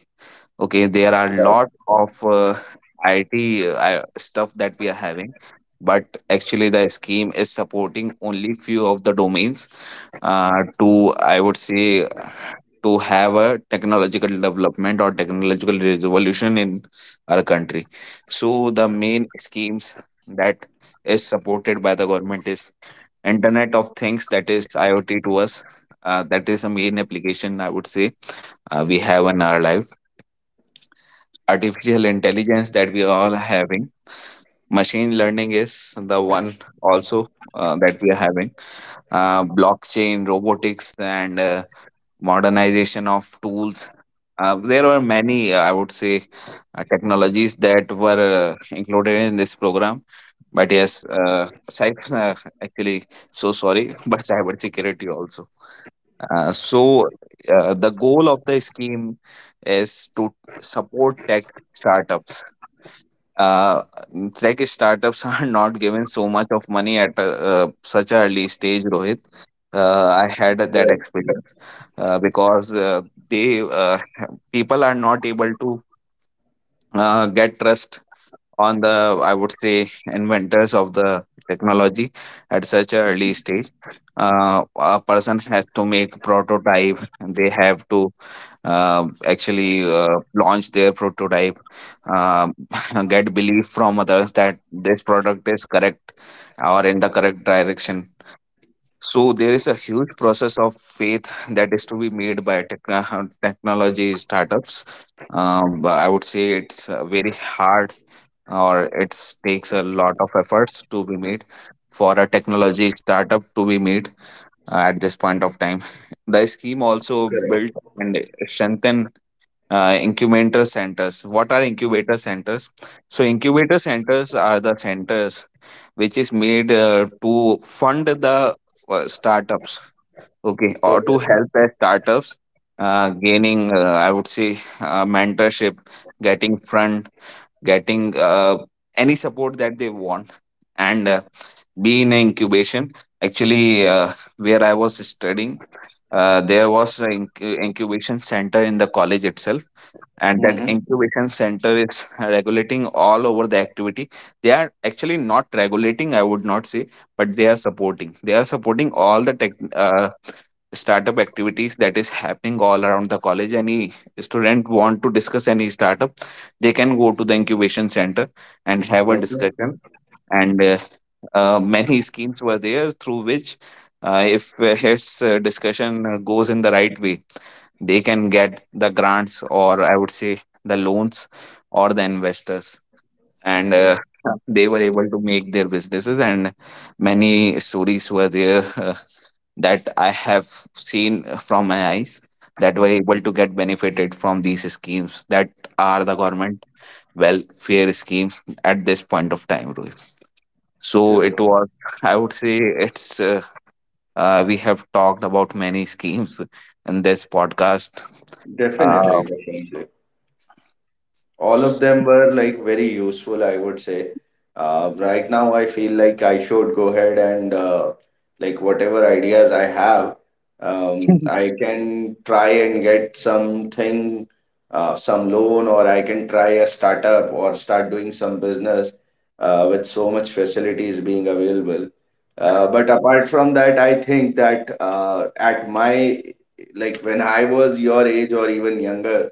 [SPEAKER 2] Okay, there are lot of uh, I T uh, stuff that we are having, but actually the scheme is supporting only few of the domains uh, to I would say to have a technological development or technological revolution in our country. So the main schemes that is supported by the government is internet of things, that is IoT to us, uh, that is a main application I would say uh, we have in our life. Artificial intelligence that we all are having, machine learning is the one also uh, that we are having, uh, blockchain, robotics, and uh, modernization of tools. Uh, there were many uh, I would say uh, technologies that were uh, included in this program, but yes uh, cyber, *laughs* uh, actually, so sorry, *laughs* but cyber security also. Uh, so, uh, the goal of the scheme is to support tech startups. Uh, Tech startups *laughs* are not given so much of money at a, uh, such an early stage, Rohit. Uh, I had that experience uh, because uh, they uh, people are not able to uh, get trust on the, I would say, inventors of the technology at such an early stage. Uh, a person has to make prototype. They have to uh, actually uh, launch their prototype. uh, *laughs* get belief from others that this product is correct or in the correct direction. So there is a huge process of faith that is to be made by techno- technology startups. Um, but I would say it's uh, very hard, or it takes a lot of efforts to be made for a technology startup to be made uh, at this point of time. *laughs* The scheme also built and strengthened uh, incubator centers. What are incubator centers? So, incubator centers are the centers which is made uh, to fund the uh, startups, okay, or
[SPEAKER 1] Okay.
[SPEAKER 2] to help the startups uh, gaining, uh, I would say, uh, mentorship, getting fund, getting uh, any support that they want. And uh, be in a incubation. Actually uh, where I was studying, uh, there was an incu- incubation center in the college itself, and that
[SPEAKER 1] Mm-hmm.
[SPEAKER 2] incubation center is regulating all over the activity. They are actually not regulating, I would not say, but they are supporting. They are supporting all the tech uh, startup activities that is happening all around the college. Any student want to discuss any startup, they can go to the incubation center and have a
[SPEAKER 1] Okay.
[SPEAKER 2] discussion. And uh, uh, many schemes were there through which, uh, if uh, his uh, discussion uh, goes in the right way, they can get the grants, or I would say the loans or the investors. And
[SPEAKER 1] Okay.
[SPEAKER 2] uh, They were able to make their businesses, and many stories were there uh, that I have seen from my eyes that were able to get benefited from these schemes, that are the government welfare schemes at this point of time, Rohit. So it
[SPEAKER 1] Correct.
[SPEAKER 2] was, I would say it's, uh, uh, we have talked about many *laughs* schemes in this podcast.
[SPEAKER 1] Definitely.
[SPEAKER 2] Uh,
[SPEAKER 1] Definitely. All of them were like very useful, I would say. Uh, right now I feel like I should go ahead and, uh, like, whatever ideas I have, um,
[SPEAKER 2] *laughs*
[SPEAKER 1] I can try and get something, uh, some loan, or I can try a startup or start doing some business uh, with so much facilities being available. Uh, but apart from that, I think that uh, at my, like when I was your age or even younger,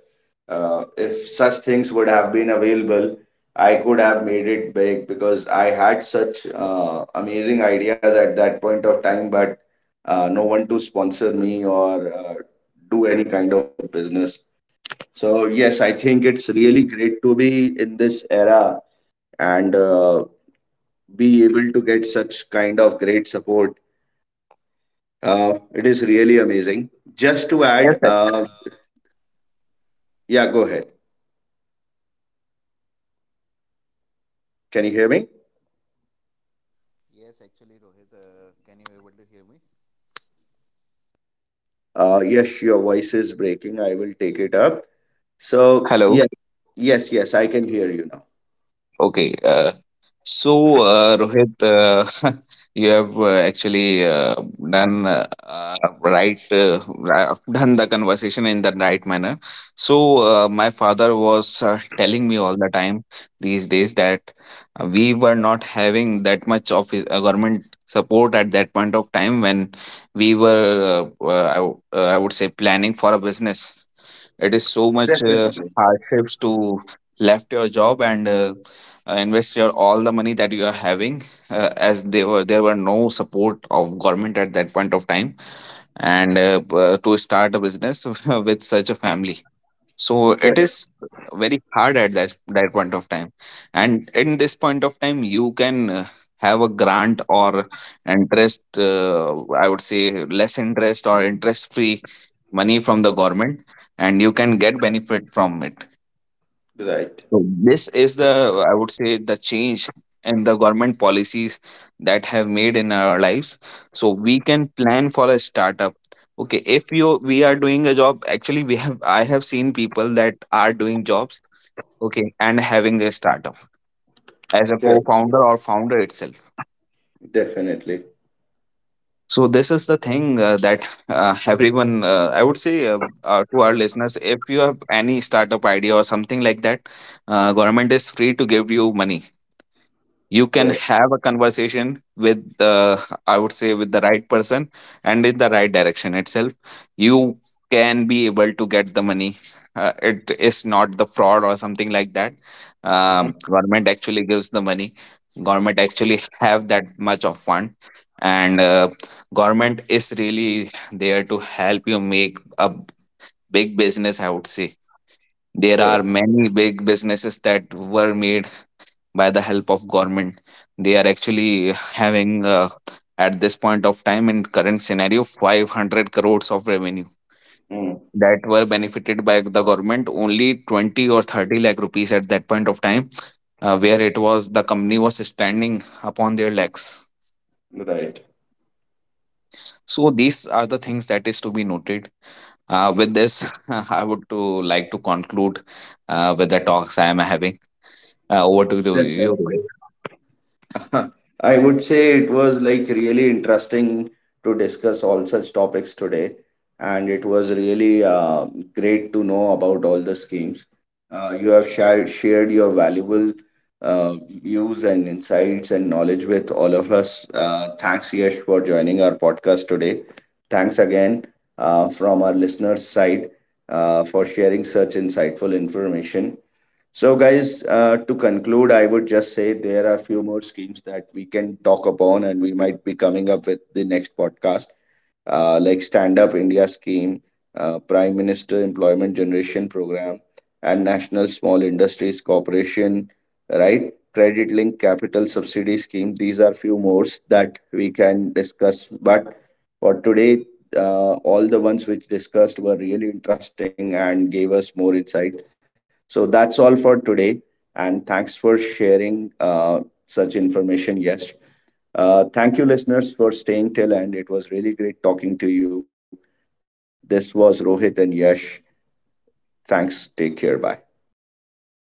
[SPEAKER 1] uh, if such things would have been available, I could have made it big because I had such uh, amazing ideas at that point of time, but uh, no one to sponsor me or uh, do any kind of business. So, yes, I think it's really great to be in this era and uh, be able to get such kind of great support. Uh, it is really amazing. Just to add, uh, yeah, go ahead. Can you hear me? Uh, yes, your voice is breaking. I will take it up. So,
[SPEAKER 2] Hello.
[SPEAKER 1] yeah, yes, yes, I can hear you now.
[SPEAKER 2] Okay. Uh, so, uh, Rohit, uh, *laughs* you have uh, actually uh, done uh, uh, right, uh, ra- done the conversation in the right manner. So, uh, my father was uh, telling me all the time these days that uh, we were not having that much of i- uh, government support at that point of time when we were, uh, uh, I, w- uh, I would say, planning for a business. It is so much uh, hardships to left your job and uh, uh, invest your all the money that you are having, uh, as they were, there were no support of government at that point of time, and uh, uh, to start a business *laughs* with such a family. So it
[SPEAKER 1] Correct.
[SPEAKER 2] is very hard at that that point of time, and in this point of time you can uh, have a grant or interest, uh, I would say less interest or interest free money from the government, and you can get benefit from it.
[SPEAKER 1] Right.
[SPEAKER 2] So this is the, I would say, the change in the government policies that have made in our lives. So we can plan for a startup. Okay, if you we are doing a job, actually we have I have seen people that are doing jobs, okay, and having a startup as a
[SPEAKER 1] Correct.
[SPEAKER 2] co-founder or founder itself.
[SPEAKER 1] Definitely.
[SPEAKER 2] So this is the thing uh, that uh, everyone, uh, I would say, uh, uh, to our listeners, if you have any startup idea or something like that, uh, government is free to give you money. You can
[SPEAKER 1] Correct.
[SPEAKER 2] have a conversation with, uh, I would say, with the right person, and in the right direction itself you can be able to get the money. Uh, it is not the fraud or something like that.
[SPEAKER 1] Mhm.
[SPEAKER 2] Um, government actually gives the money. Government actually have that much of fund, and uh, government is really there to help you make a big business, I would say. There are
[SPEAKER 1] Correct.
[SPEAKER 2] many big businesses that were made by the help of government. They are actually having uh, at this point of time, in current scenario, five hundred crores of revenue
[SPEAKER 1] Mm.
[SPEAKER 2] that were benefited by the government only twenty or thirty lakh rupees at that point of time uh, where it was, the company was standing upon their legs.
[SPEAKER 1] Right.
[SPEAKER 2] So these are the things that is to be noted. Uh, with this, *laughs* I would to like to conclude uh, with the talks I am having. Uh, over to you, Rohit.
[SPEAKER 1] Definitely. *laughs* I would say it was like really interesting to discuss all such topics today, and it was really uh, great to know about all the schemes. Uh, you have shared shared your valuable uh, views and insights and knowledge with all of us. Uh, thanks, Yash, for joining our podcast today. Thanks again uh, from our listeners' side uh, for sharing such insightful information. So, guys, uh, to conclude, I would just say there are few more schemes that we can talk upon, and we might be coming up with the next podcast, uh, like Stand Up India Scheme, uh, Prime Minister Employment Generation Program, and National Small Industries Corporation, right? Credit Link Capital Subsidy Scheme. These are few more that we can discuss. But for today, uh, all the ones which discussed were really interesting and gave us more insight. So that's all for today, and thanks for sharing uh, such information, Yes. Uh, thank you, listeners, for staying till end. It was really great talking to you. This was Rohit and Yash. Thanks. Take care. Bye.
[SPEAKER 2] Thank